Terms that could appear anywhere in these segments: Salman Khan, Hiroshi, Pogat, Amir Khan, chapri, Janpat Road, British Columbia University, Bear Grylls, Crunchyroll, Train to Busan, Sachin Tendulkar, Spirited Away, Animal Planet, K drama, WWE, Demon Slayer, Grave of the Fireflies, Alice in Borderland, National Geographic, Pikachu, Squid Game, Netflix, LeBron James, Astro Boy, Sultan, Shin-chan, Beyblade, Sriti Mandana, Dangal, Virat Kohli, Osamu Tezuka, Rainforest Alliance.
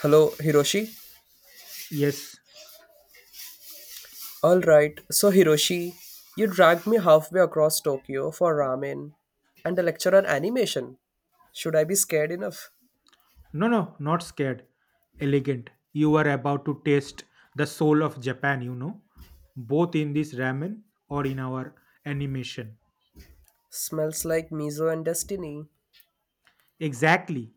Hello, Hiroshi. Yes. All right, so Hiroshi, you dragged me halfway across Tokyo for ramen and a lecture on animation. Should I be scared enough? No, no, not scared. Elegant. You are about to taste the soul of Japan, both in this ramen or in our animation. Smells like miso and destiny. Exactly.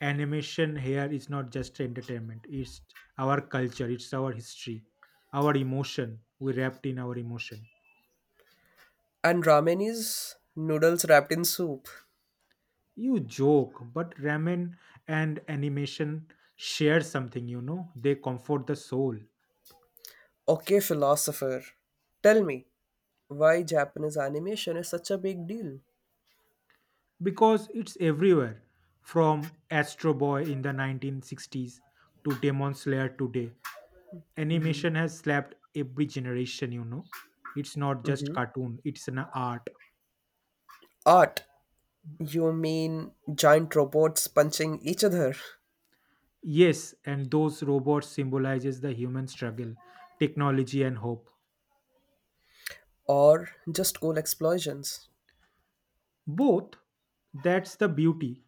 Animation here is not just entertainment, it's our culture, it's our history, our emotion. We wrapped in our emotion. And ramen is noodles wrapped in soup. You joke, but ramen and animation share something, they comfort the soul. Okay, philosopher. Tell me, why Japanese animation is such a big deal? Because it's everywhere from Astro Boy in the 1960s to Demon Slayer today. Animation has slapped every generation. It's not just Hmm. cartoon, it's an art. Art. You mean giant robots punching each other? Yes, and those robots symbolizes the human struggle, technology and hope. Or just cool explosions? Both. That's the beauty.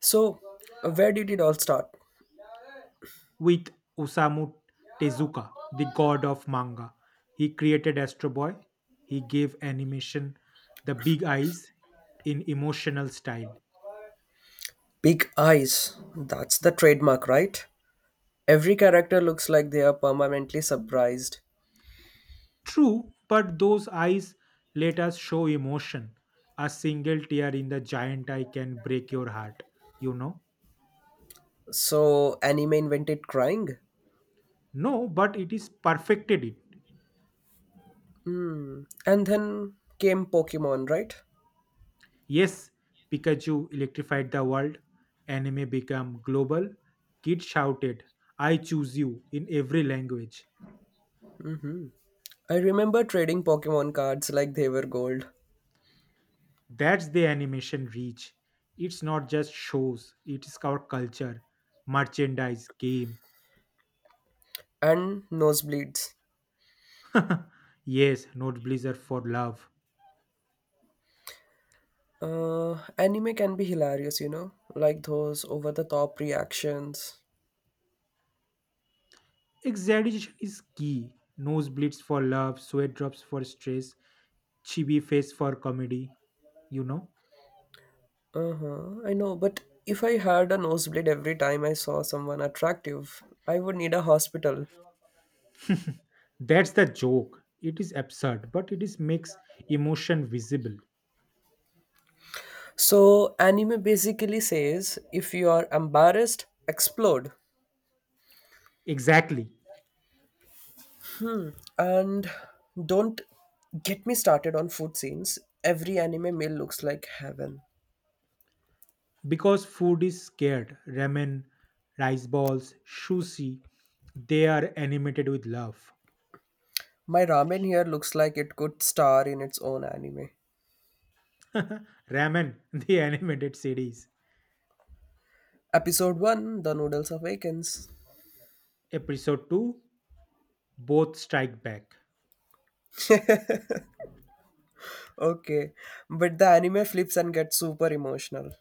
So, where did it all start? With Osamu Tezuka, the god of manga. He created Astro Boy. He gave animation the big eyes in emotional style. Big eyes. That's the trademark, right? Every character looks like they are permanently surprised. True, but those eyes let us show emotion. A single tear in the giant eye can break your heart, you know. So, anime invented crying. No, but it is perfected it. And then came Pokemon, right? Yes, Pikachu electrified the world. Anime became global. Kids shouted, I choose you in every language. I remember trading Pokemon cards like they were gold. That's the animation reach. It's not just shows, it's our culture, merchandise, game. And nosebleeds. Yes, nosebleeds are for love. Anime can be hilarious, you know? Like those over the top reactions. Exaggeration is key. Nosebleeds for love, sweat drops for stress, chibi face for comedy. You know? Uh-huh. I know, but if I had a nosebleed every time I saw someone attractive, I would need a hospital. That's the joke. It is absurd, but it is makes emotion visible. So, anime basically says if you are embarrassed, explode. Exactly. And don't get me started on food scenes. Every anime meal looks like heaven. Because food is scared. Ramen, rice balls, sushi, they are animated with love. My ramen here looks like it could star in its own anime. Ramen, the animated series. Episode 1, The Noodles Awakens. Episode 2 Both Strike Back. Okay, but the anime flips and gets super emotional.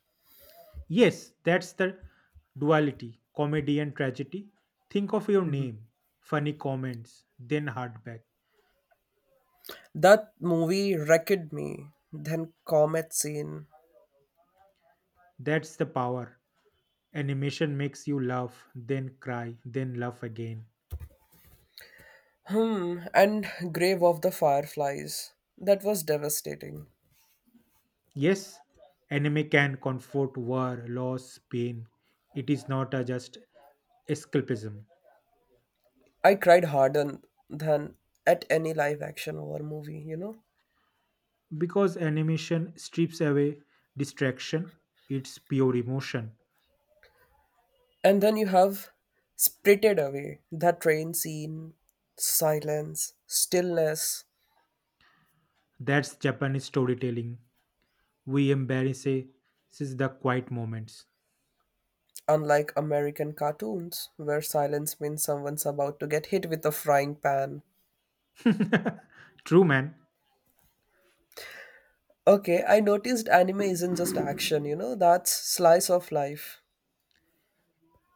Yes, that's the duality comedy and tragedy. Think of your name, funny comments, then hardback. That movie wrecked me. Then Comet Scene. That's the power. Animation makes you laugh, then cry, then laugh again. Hmm, and Grave of the Fireflies. That was devastating. Yes, anime can comfort war, loss, pain. It is not a just escapism. I cried harder than at any live action horror movie, you know? Because animation strips away distraction, it's pure emotion. And then you have Spirited Away. That train scene, silence, stillness. That's Japanese storytelling. We embrace the quiet moments. Unlike American cartoons, where silence means someone's about to get hit with a frying pan. True, man, Okay, I noticed anime isn't just action, that's slice of life.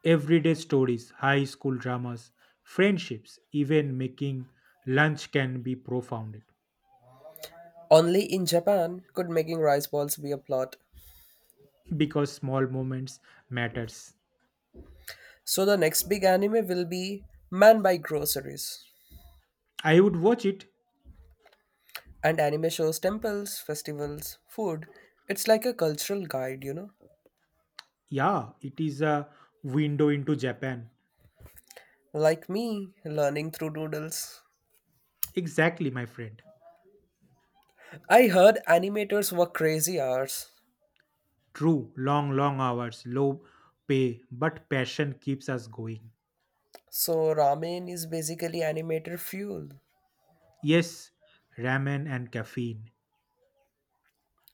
everyday stories, high school dramas, friendships, even making lunch can be profound Only in Japan could making rice balls be a plot. because small moments matters. So the next big anime will be Man Buy Groceries. I would watch it. And anime shows temples, festivals, food. It's like a cultural guide, you know? Yeah, it is a window into Japan. Like me, learning through doodles. Exactly, my friend. I heard animators work crazy hours. True, long, long hours, low pay, but passion keeps us going. So ramen is basically animator fuel. Yes, ramen and caffeine.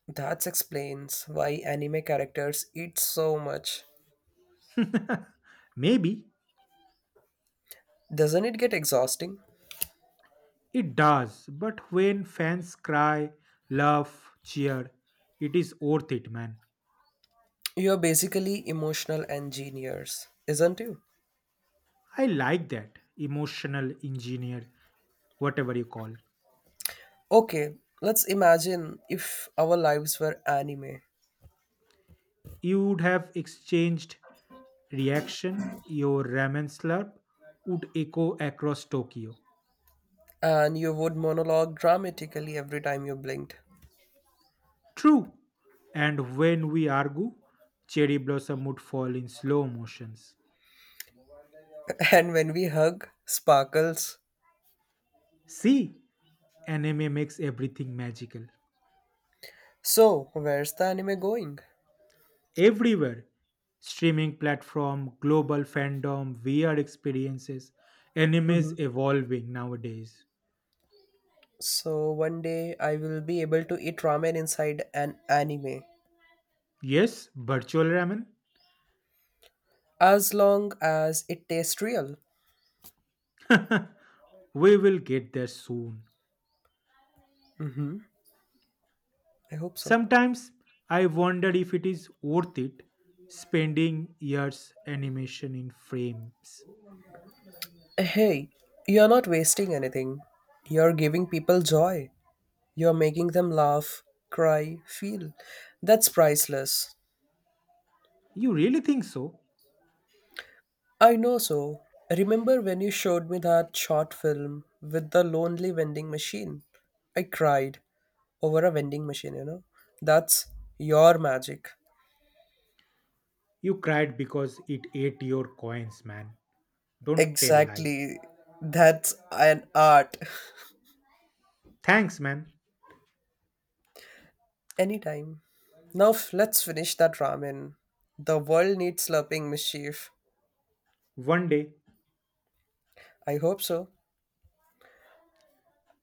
That explains why anime characters eat so much. Maybe Doesn't it get exhausting? it does, but when fans cry, laugh, cheer, it is worth it, man. You're basically emotional engineers, isn't you? I like that. Emotional engineer, whatever you call. Okay, let's imagine if our lives were anime, You would have exchanged reaction, your ramen slurp would echo across Tokyo. and you would monologue dramatically every time you blinked. True. And when we argue, cherry blossom would fall in slow motions. And when we hug, sparkles. See, anime makes everything magical. So, where's the anime going? Everywhere. Streaming platform, global fandom, VR experiences. Anime Mhm. is evolving nowadays. So, one day I will be able to eat ramen inside an anime Yes, virtual ramen. as long as it tastes real. We will get there soon. Hmm. I hope so. Sometimes I wonder if it is worth it spending years animation in frames. Hey, you're not wasting anything, you're giving people joy. You're making them laugh, cry, feel. That's priceless. You really think so? I know so. Remember when you showed me that short film with the lonely vending machine? I cried over a vending machine, you know? That's your magic. You cried because it ate your coins, man. Don't tell lie. Exactly. That's an art. Thanks, man. Anytime. Now let's finish that ramen. The world needs slurping mischief. One day, I hope so.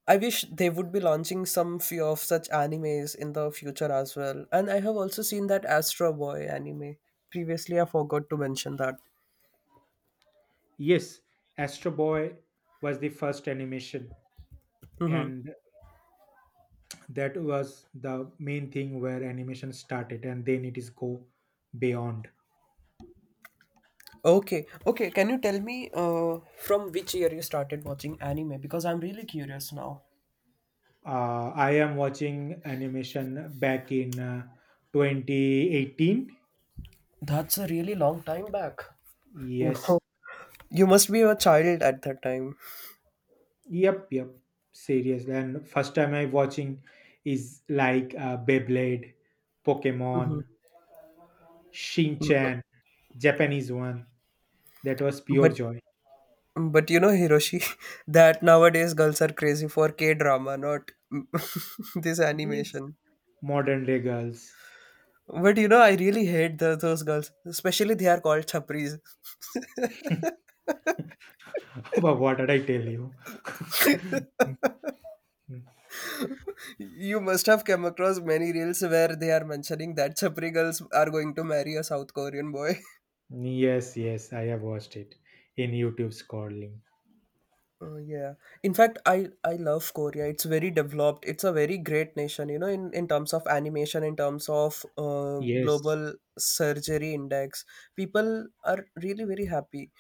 I wish they would be launching some few of such animes in the future as well. And I have also seen that Astro Boy anime. Previously, I forgot to mention that. yes, Astro Boy was the first animation, and that was the main thing where animation started, and then it is go beyond. Okay, okay. Can you tell me from which year you started watching anime? Because I'm really curious now. I am watching animation back in 2018. That's a really long time back. Wow. Yes, You must be a child at that time. yep, yep. Seriously, and first time I watching is like Beyblade, Mhm. Pokemon, Shin-chan, Japanese one. That was pure But joy. but you know, Hiroshi, that nowadays girls are crazy for K drama, not, this animation. Modern day girls. But you know, I really hate those girls. Especially they are called chapris. What did I tell you? Hmm. You must have come across many reels where they are mentioning that chapri girls are going to marry a South Korean boy. Yes, yes, I have watched it in YouTube scrolling. Oh yeah. In fact, I love Korea. It's very developed. It's a very great nation, in terms of animation, in terms of Yes, global surgery index. People are really very happy.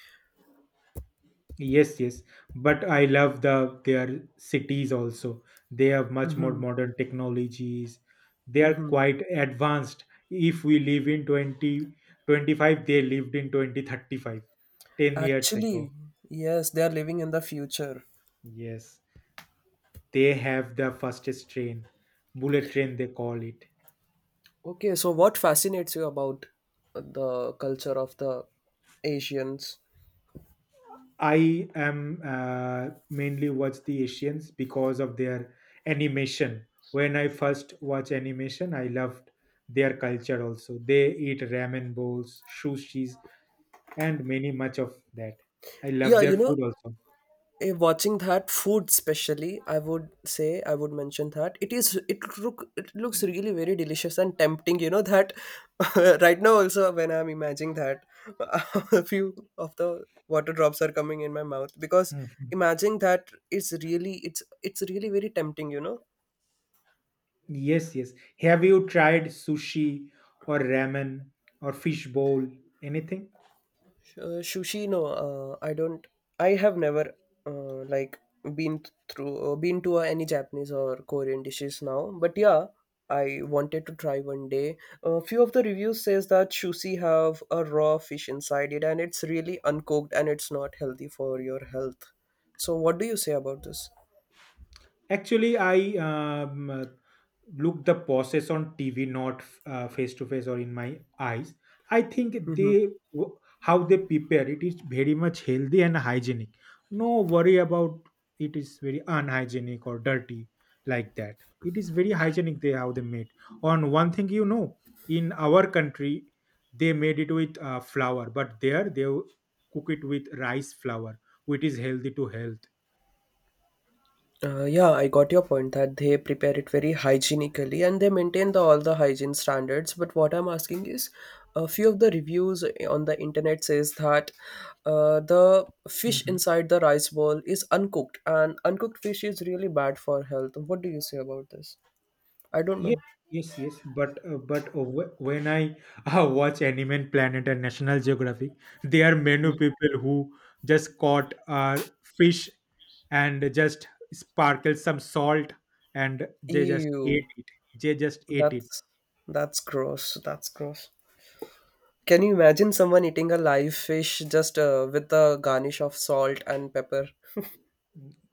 yes, yes. But I love the their cities also. They have much more modern technologies. They are quite advanced. If we live in 2025, they lived in 2035, 10 years Actually, ago. yes, they are living in the future. Yes. They have the fastest train bullet train they call it. Okay, so what fascinates you about the culture of the Asians? I am mainly watch the Asians because of their animation. When I first watch animation, I loved their culture also. They eat ramen bowls, sushis, and many much of that. I love Yeah, their food also. Watching that food especially, I would mention that it looks really very delicious and tempting. You know that, right now also when I'm imagining that, a few of the water drops are coming in my mouth because Mhm. imagining that is really it's really very tempting. Yes, yes, have you tried sushi or ramen or fish bowl, anything? Sushi, no, I don't. I have never like been been to any Japanese or Korean dishes now. But yeah, I wanted to try one day. A few of the reviews says that sushi have a raw fish inside it, and it's really uncooked, and it's not healthy for your health. So, what do you say about this? Actually, I look the process on TV, not face to face or in my eyes. I think Mm-hmm. they how they prepare it is very much healthy and hygienic. No worry about it is very unhygienic or dirty like that. It is very hygienic they how they made. On one thing, in our country they made it with flour, but there they cook it with rice flour, which is healthy to health. Yeah, I got your point that they prepare it very hygienically and they maintain all the hygiene standards. But what I'm asking is, a few of the reviews on the internet says that the fish Mhm. inside the rice bowl is uncooked, and uncooked fish is really bad for health. What do you say about this? I don't Yes, know. yes, yes. When I watch Animal Planet and National Geographic, there are many people who just caught fish and just sparkle some salt and they just ate Ew, it. They just ate it. that's that's gross. That's gross. Can you imagine someone eating a live fish just with the garnish of salt and pepper?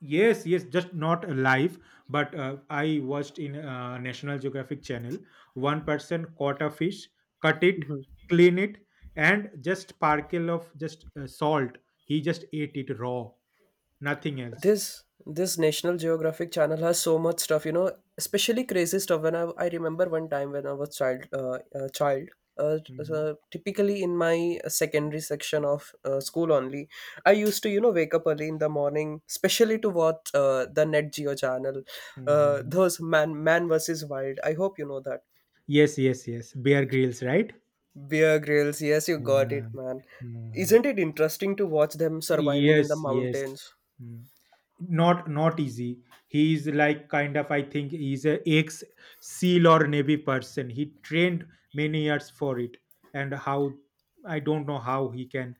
Yes, yes, just not alive. But I watched in National Geographic channel. One person caught a fish, cut it, clean it, and just sparkle of just salt. He just ate it raw. Nothing else. This national geographic channel has so much stuff especially crazy stuff I remember one time when I was child Hmm. so typically in my secondary section of school only I used to wake up early in the morning especially to watch the net geo channel, Hmm. those man versus wild. I hope you know that. Yes, yes, yes. Bear grills, right? Bear grills, yes, you got it, Yeah. man. Hmm. Isn't it interesting to watch them surviving in the Yes, yes. mountains? Mm. Not easy. He is like kind of I think he's a ex SEAL or Navy person. He trained many years for it, and how I don't know how he can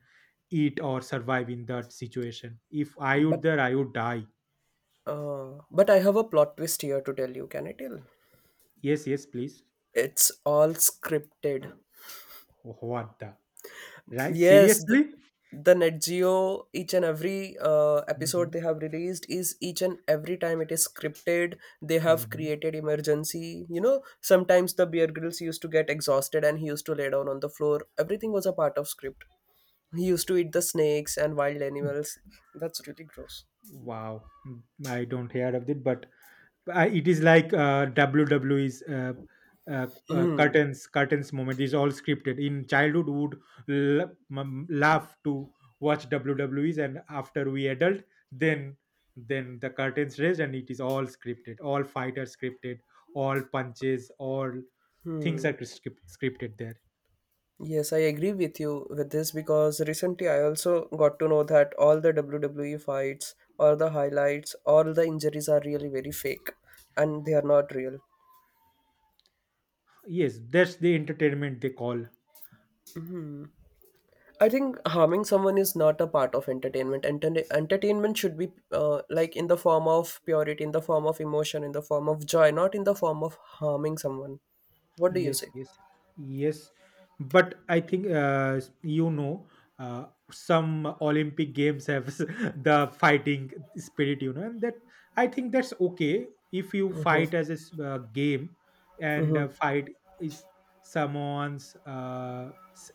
eat or survive in that situation. If I but would there, I would die. But I have a plot twist here to tell you. Can I tell? Yes, yes, please. It's all scripted. What the right? Yes, Seriously? the Net Geo, each and every episode they have released, is each and every time it is scripted. They have Hmm. created emergency. You know, sometimes the Bear Grylls used to get exhausted and he used to lay down on the floor. Everything was a part of script. He used to eat the snakes and wild animals. That's really gross. Wow. Mm, I don't hear of it, but I, it is like WWE's uh, Mm. curtains moment is all scripted. In childhood, would laugh to watch WWE's, and after we adult, then then the curtains raised, and it is all scripted. All fighters scripted, all punches, all things Hmm. are scripted there. Yes, I agree with you with this because recently I also got to know that all the WWE fights, all the highlights, all the injuries are really very fake and they are not real. Yes, that's the entertainment they call. I think harming someone is not a part of entertainment. Entertainment should be like in the form of purity, in the form of emotion, in the form of joy, not in the form of harming someone. What do you Yes, say? yes, yes. But I think some Olympic games have the fighting spirit, and that I think that's okay if you fight as a game and Mm-hmm. fight is someone's. Uh, s-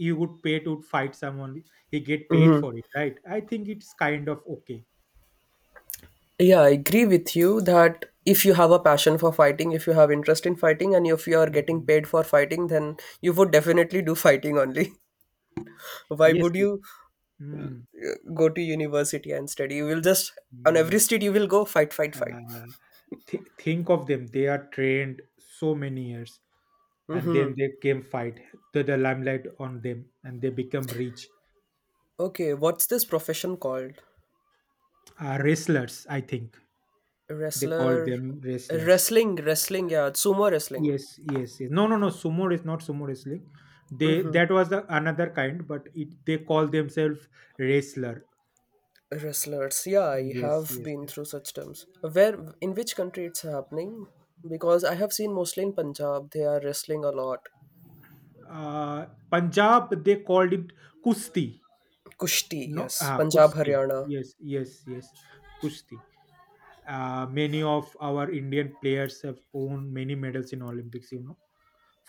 you would pay to fight someone. He get paid Mm-hmm. for it, right? I think it's kind of okay. Yeah, I agree with you that if you have a passion for fighting, if you have interest in fighting, and if you are getting Mhm. paid for fighting, then you would definitely do fighting only. Why Yes. would Yes. you Mm, go to university and study? You will just, on mm, every street, you will go fight, fight, fight. uh, think of them, they are trained so many years, and then they came fight, the limelight on them, and they become rich. Okay, what's this profession called? Wrestlers, I think. They call Wrestler. them wrestlers. Wrestling, wrestling, yeah, sumo wrestling. Yes, yes, yes. No, no, no, sumo is not sumo wrestling. They, that was the, another kind, but it, they call themselves wrestler. Wrestlers, yeah, I Yes, have yes, been yes. through such terms. In which country it's happening? Because I have seen mostly in Punjab, they are wrestling a lot. uh, Punjab, they called it kusti. Kushti, No, yes. ah, Punjab, kusti. Haryana. Yes, yes, yes. Kusti. Many of our Indian players have won many medals in Olympics. You know,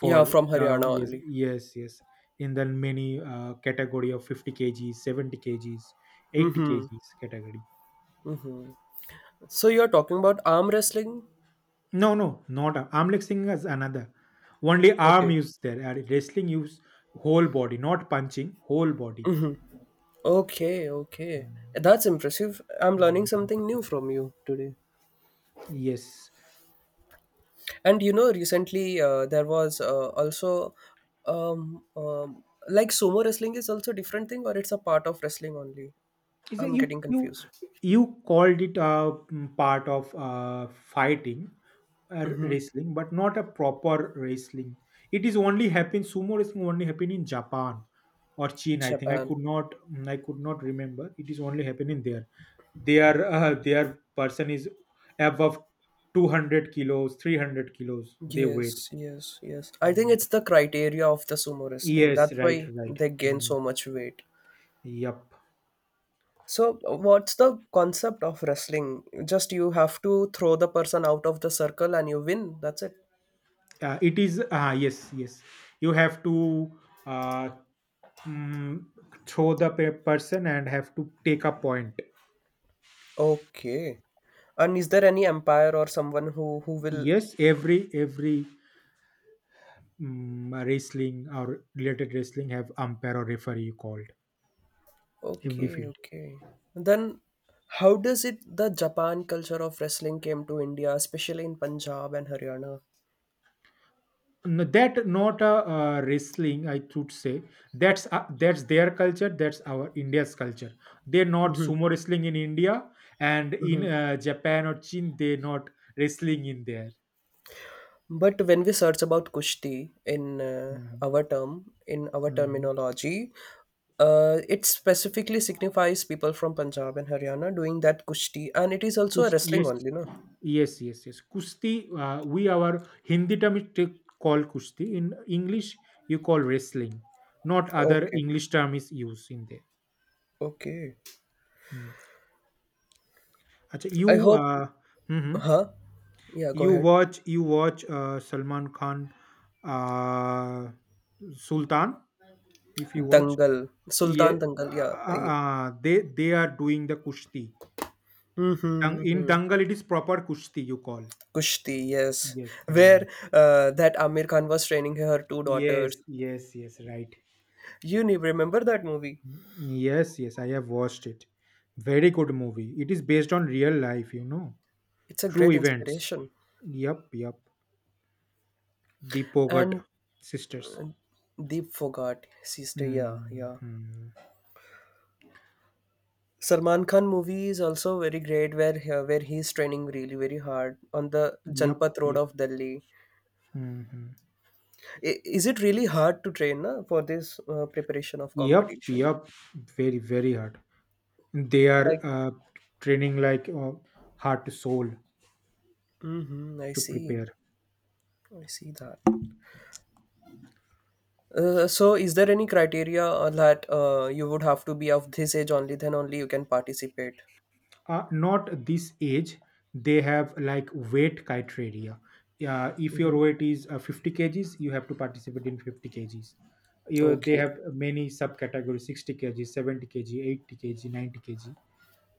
Yeah, from Haryana the, yes, only. yes, yes, in the many category of 50 kgs, 70 kgs, 80 Mm-hmm. kgs category. So you're talking about arm wrestling? No, no, not arm. Arm leg singing is another. Only arm Okay. use there. Wrestling use whole body, not punching, whole body. Mm-hmm. Okay, okay. Mm. That's impressive. I'm learning Mm. something new from you today. Yes. And you know, recently there was also, like, sumo wrestling is also a different thing, or it's a part of wrestling only. Is that I'm you getting you confused. you called it a part of fighting Mm-hmm. wrestling but not a proper wrestling. It is only happen, sumo wrestling only happen in Japan or China, I think. i Japan. could not mm, i could not remember. It is only happening there. Their person is above 200 kilos 300 kilos they weight. Yes, yes, yes. I think Mm. it's the criteria of the sumo wrestling. Yes, That's right, why right. they gain Mm. so much weight. Yep. So, what's the concept of wrestling? Just you have to throw the person out of the circle and you win. That's it. It is, yes, yes. You have to uh, mm, throw the person and have to take a point. Okay. And is there any empire or someone who will? Yes, every wrestling or related wrestling have umpire or referee called every Okay, field. okay. Then, how does it the Japan culture of wrestling came to India, especially in Punjab and Haryana? No, that not a wrestling, I should say. That's their culture. That's our India's culture. They're not Mm-hmm. sumo wrestling in India, and in Japan or Chin, they not wrestling in there. But when we search about Kushti in Mhm, in our mhm. terminology, it specifically signifies people from Punjab and Haryana doing that Kushti, and it is also a wrestling Yes. only, no? Yes, yes, yes. Kushti, we our Hindi term is call kushti. In English, you call wrestling. Not other Okay, English term is used in there. okay. Hmm. अच्छा. you I hope, uh, hmm huh? Yeah, go you ahead. watch you watch uh, Salman Khan, uh, Sultan, if you watch. Dangal, Yeah, Sultan Dangal, yeah. Yeah. They are doing the kushti. Mm-hmm. In Hmm. Dangal it is proper kushti, you call. Kushti, yes. Yes. Hmm. Where that Amir Khan was training her two daughters. Yes, yes, yes, right. You remember that movie? Yes, yes, I have watched it. Very good movie. It is based on real life, It's a true great events. inspiration. Yup, yup. The Pogat And sisters. Deep forgot, sister. Yeah, yeah. Mm-hmm. Salman Khan movie is also very great, where he's training really very hard on the Yup, Janpat Road yup. of Delhi. Mm-hmm. Is it really hard to train, na, for this preparation of Yup, competition? yup. Very, very hard. They are Like, training like heart to soul hmm I to see, prepare. I see that. So, is there any criteria that you would have to be of this age only? Then only you can participate. Not this age, they have like weight criteria. If your weight is 50 kgs, you have to participate in 50 kgs. They Okay. have many subcategories: 60 kg, 70 kg, 80 kg, 90 kg,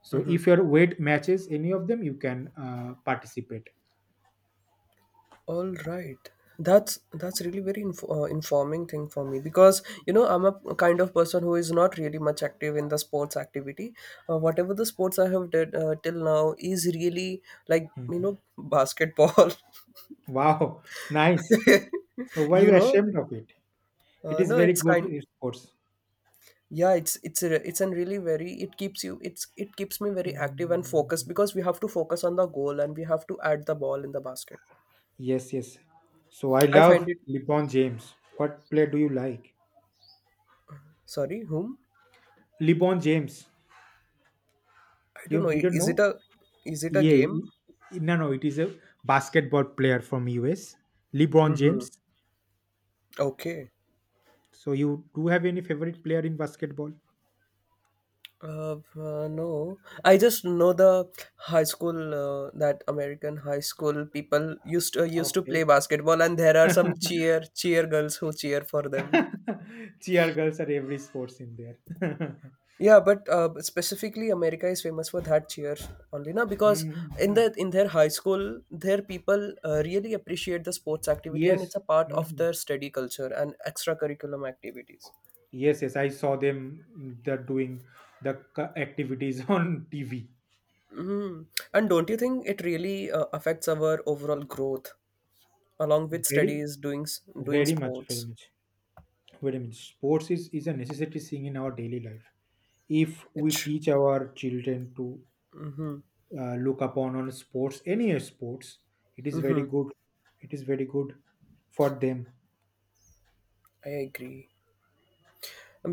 so Mm-hmm. if your weight matches any of them, you can participate. All right. That's really very informing thing for me because you know I'm a kind of person who is not really much active in the sports activity. Whatever the sports I have did till now is really like, Mhm. Basketball. Wow, nice. So why you we know, ashamed of it? It uh, is no, very it's good kind. sports. Yeah, it's a really very it keeps you it keeps me very active and Mm, focused because we have to focus on the goal and we have to add the ball in the basket. yes, yes, so I I love find it. LeBron James. What player do you like? Sorry, whom? LeBron James. I don't You know. Didn't Is it know? a Yeah. game? No, no, it is a basketball player from US. LeBron Mm-hmm. James. Okay. So you do have any favorite player in basketball? No, I just know the high school that American high school people used to play Okay. basketball, and there are some cheer girls who cheer for them. Cheer girls are every sports in there. Yeah, but specifically America is famous for that cheer only na? Because Mhm. Ah, in their high school, their people really appreciate the sports activity, and it's yes. a part of their Mhm. study culture and extracurriculum activities. Yes, yes. I saw them they're doing the activities on TV. Mhm. And don't you think it really affects our overall growth along with Very, studies, doing doing very much, very sports? much. Wait a minute sports is a necessary thing in our daily life if we It's. teach our children to Mm-hmm. Look upon on sports, any sports. It is very Mm-hmm. good, it is very good for them. I agree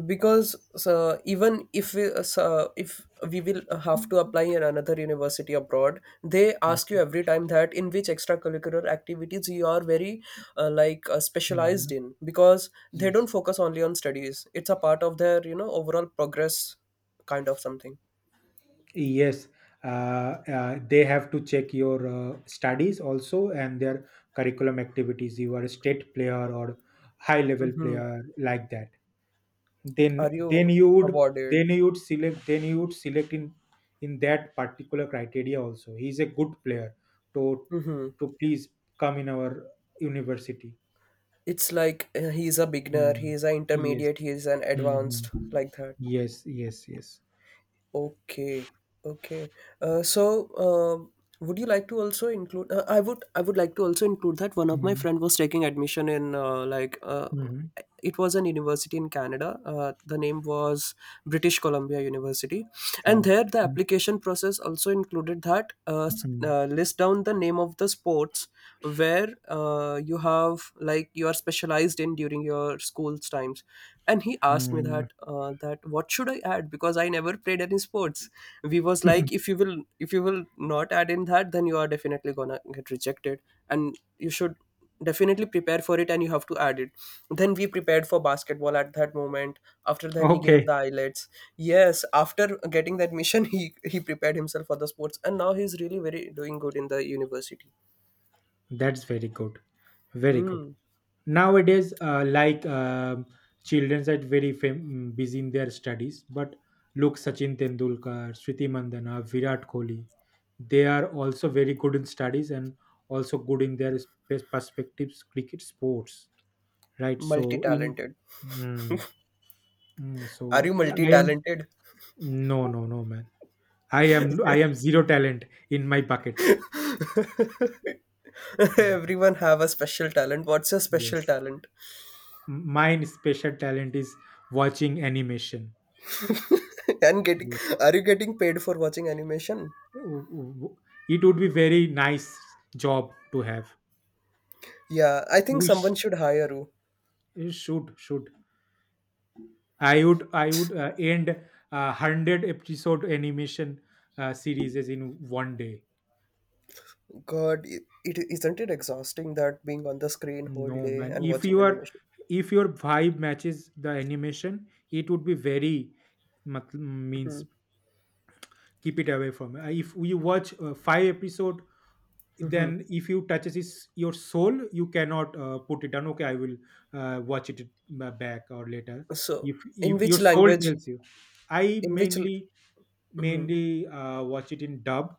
because so even if we, so if we will have to apply in another university abroad, they ask you every time that in which extracurricular activities you are very specialized Mhm. in because they don't Yes, focus only on studies. It's a part of their overall progress kind of something. yes. uh, they have to check your studies also and their curriculum activities. You are a state player or high level Mm-hmm. player like that, then Are then you you would awarded? Select then you would select in that particular criteria also he's a good player to Hmm. Please come in our university. It's like he's a beginner, Mm. he's an Yes. intermediate, he's an Mhm. advanced, like that. Yes, yes, yes. Okay, okay. Uh, so, um would you like to also include? I would like to also include that one of my Mhm. friend was taking admission in Mhm. it was an university in Canada. The name was British Columbia University, and Wow. there the application process also included that Mhm. List down the name of the sports where you have like you are specialized in during your school's times, and he asked me that Mhm. What should I add because I never played any sports. We was like if you will not add in that, then you are definitely gonna get rejected and you should definitely prepare for it and you have to add it. Then we prepared for basketball at that moment. After then he gave Okay. the eyelids. Yes, after getting that mission, he prepared himself for the sports and now he's really very doing good in the university. That's very good, very good. Hmm. Nowadays, like children are very busy in their studies, but look, Sachin Tendulkar, Sriti Mandana, Virat Kohli, they are also very good in studies and also good in their perspectives, cricket sports, right? So in Multi-talented. mm, Are so you yeah, I am. multi-talented? No, no, no, man. I am zero talent in my bucket. Uh, Everyone have a special talent. What's your special yes, talent? mine special talent is watching animation. And getting, are you getting paid for watching animation? w- w- it would be very nice job to have. Yeah, I think We someone sh- should hire you. Should I would end a 100 episode animation series as in one day. God, it isn't it exhausting that being on the screen whole No day man, and if watching your, animation. if your vibe matches the animation, it would be very means Mhm, keep it away from. If we watch five episode, mhm. then if you touches his, your soul, you cannot put it down. Okay, I will watch it back or later So, in if your which soul language? tells you. I In which l- mainly, mhm, mainly watch it in dub.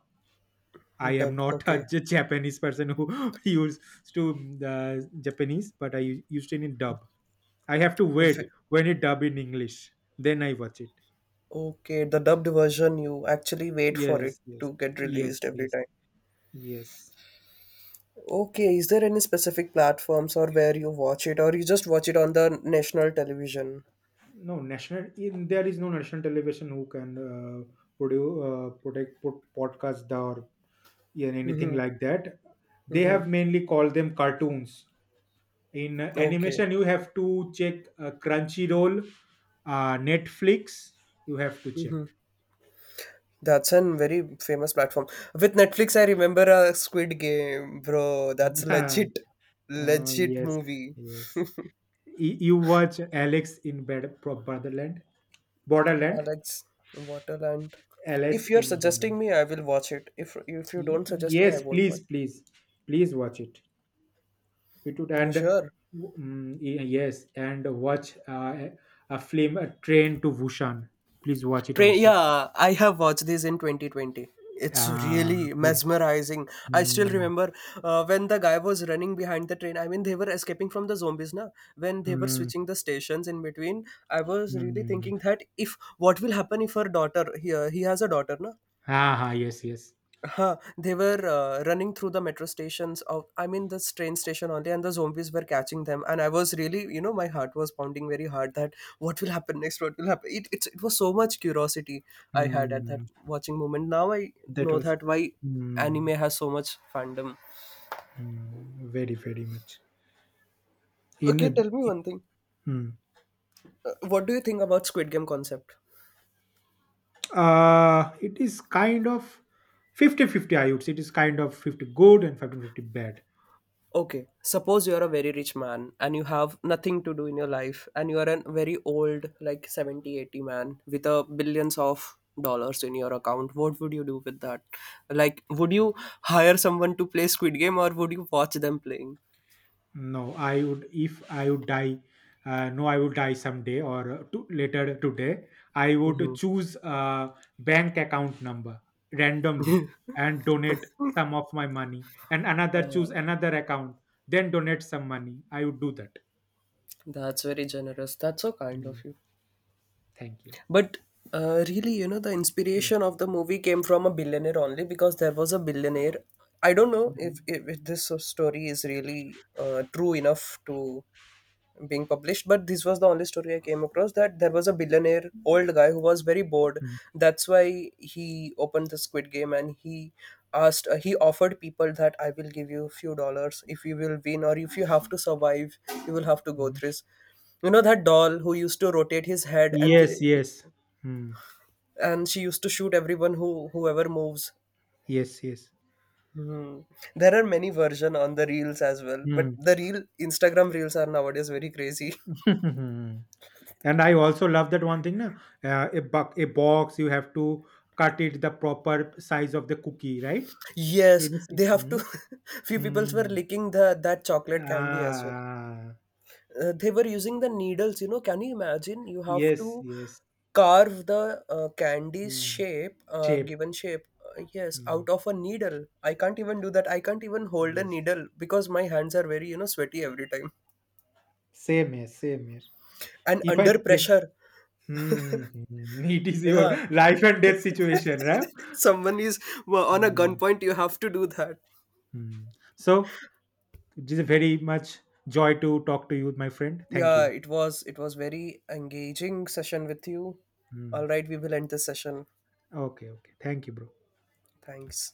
I am dub? not a Okay. Japanese person who used to uh, Japanese, but I used it in dub. I have to wait when it dub in English, then I watch it. Okay, the dubbed version, you actually wait for Yes, it yes. to get Yes, released every yes. time. Yes. Okay, is there any specific platforms or where you watch it, or you just watch it on the national television? No, national. In, there is no national television who can produce, protect, put podcast or yeah, anything Mm-hmm. like that. They Mm-hmm. have mainly called them cartoons. In Okay. animation, you have to check Crunchyroll, Netflix. You have to check. Mm-hmm. That's a very famous platform. With Netflix, I remember a Squid Game, bro. That's uh, legit, legit yes, movie. yes. You watch Alex in Bed- Pro- Borderland, Borderland, Alex, Waterland. If Alice you're in Borderland. suggesting me, I will watch it. If you don't suggest me, I Yes, won't watch please, please, please watch it. It would, it. Mm, and sure. Yes, and watch a film, A Train to Busan, please watch it Train. also. Yeah, I have watched this in 2020. It's uh, really mesmerizing. I still mm, remember when the guy was running behind the train. I mean, they were escaping from the zombies, na? When they were mm, switching the stations in between, I was really mm. thinking that if what will happen if her daughter here, he has a daughter, na? Ah, yes, yes. Huh, they were running through the metro stations of I mean this train station only, and the zombies were catching them and I was really my heart was pounding very hard that what will happen next, what will happen, it was so much curiosity I had at that mm, watching moment. Now I that know was that why anime mm, has so much fandom. Very, very much in Okay, a, tell me one thing, mm. What do you think about squid game concept? It is kind of 50 50. 50, I would say, it is kind of 50 good and 50 50 bad. Okay, suppose you are a very rich man and you have nothing to do in your life and you are a very old like 70, 80 man with a billions of dollars in your account, what would you do with that? Like, would you hire someone to play squid game or would you watch them playing? No, I would, if I would die. No, I would die someday or later today. I Hmm. would choose a bank account number randomly and donate some of my money, and another, Uh, choose another account, then donate some money. I would do that. that's very generous, that's so kind Mm, of you. Thank you. But really, you know, the Mm, inspiration of the movie came from a billionaire only because there was a billionaire. I don't know mm, if this story is really true enough to being published, but this was the only story I came across that there was a billionaire old guy who was very bored. mm, That's why he opened the squid game and he asked he offered people that I will give you few dollars if you will win or if you have to survive you will have to go through mm. this. You know that doll who used to rotate his head and Yes, yes. Mm, and she used to shoot everyone who whoever moves. yes, yes. Hmm. There are many version on the reels as well, but Mm. the real instagram reels are nowadays very crazy. And I also love that one thing, na, a box, you have to cut it the proper size of the cookie, right? Yes, ABC. they have Hmm. to. Few people were Hmm. licking the that chocolate candy as well. Ah, Uh, they were using the needles, you know, can you imagine you have yes, to yes. carve the candy's Hmm. shape, Shape. given shape, yes, Hmm. out of a needle. I can't even do that, I can't even hold a Yes, needle because my hands are very you know sweaty every time same here, same here. and If I under play. pressure. Hmm. Hmm. It is your Yeah, life and death situation, right? someone is well, on a Hmm. gunpoint. You have to do that. Hmm. So it is a very much joy to talk to you, my friend. Thank Yeah, you. It was very engaging session with you. Hmm. All right, we will end this session. Okay, okay, thank you, bro. Thanks.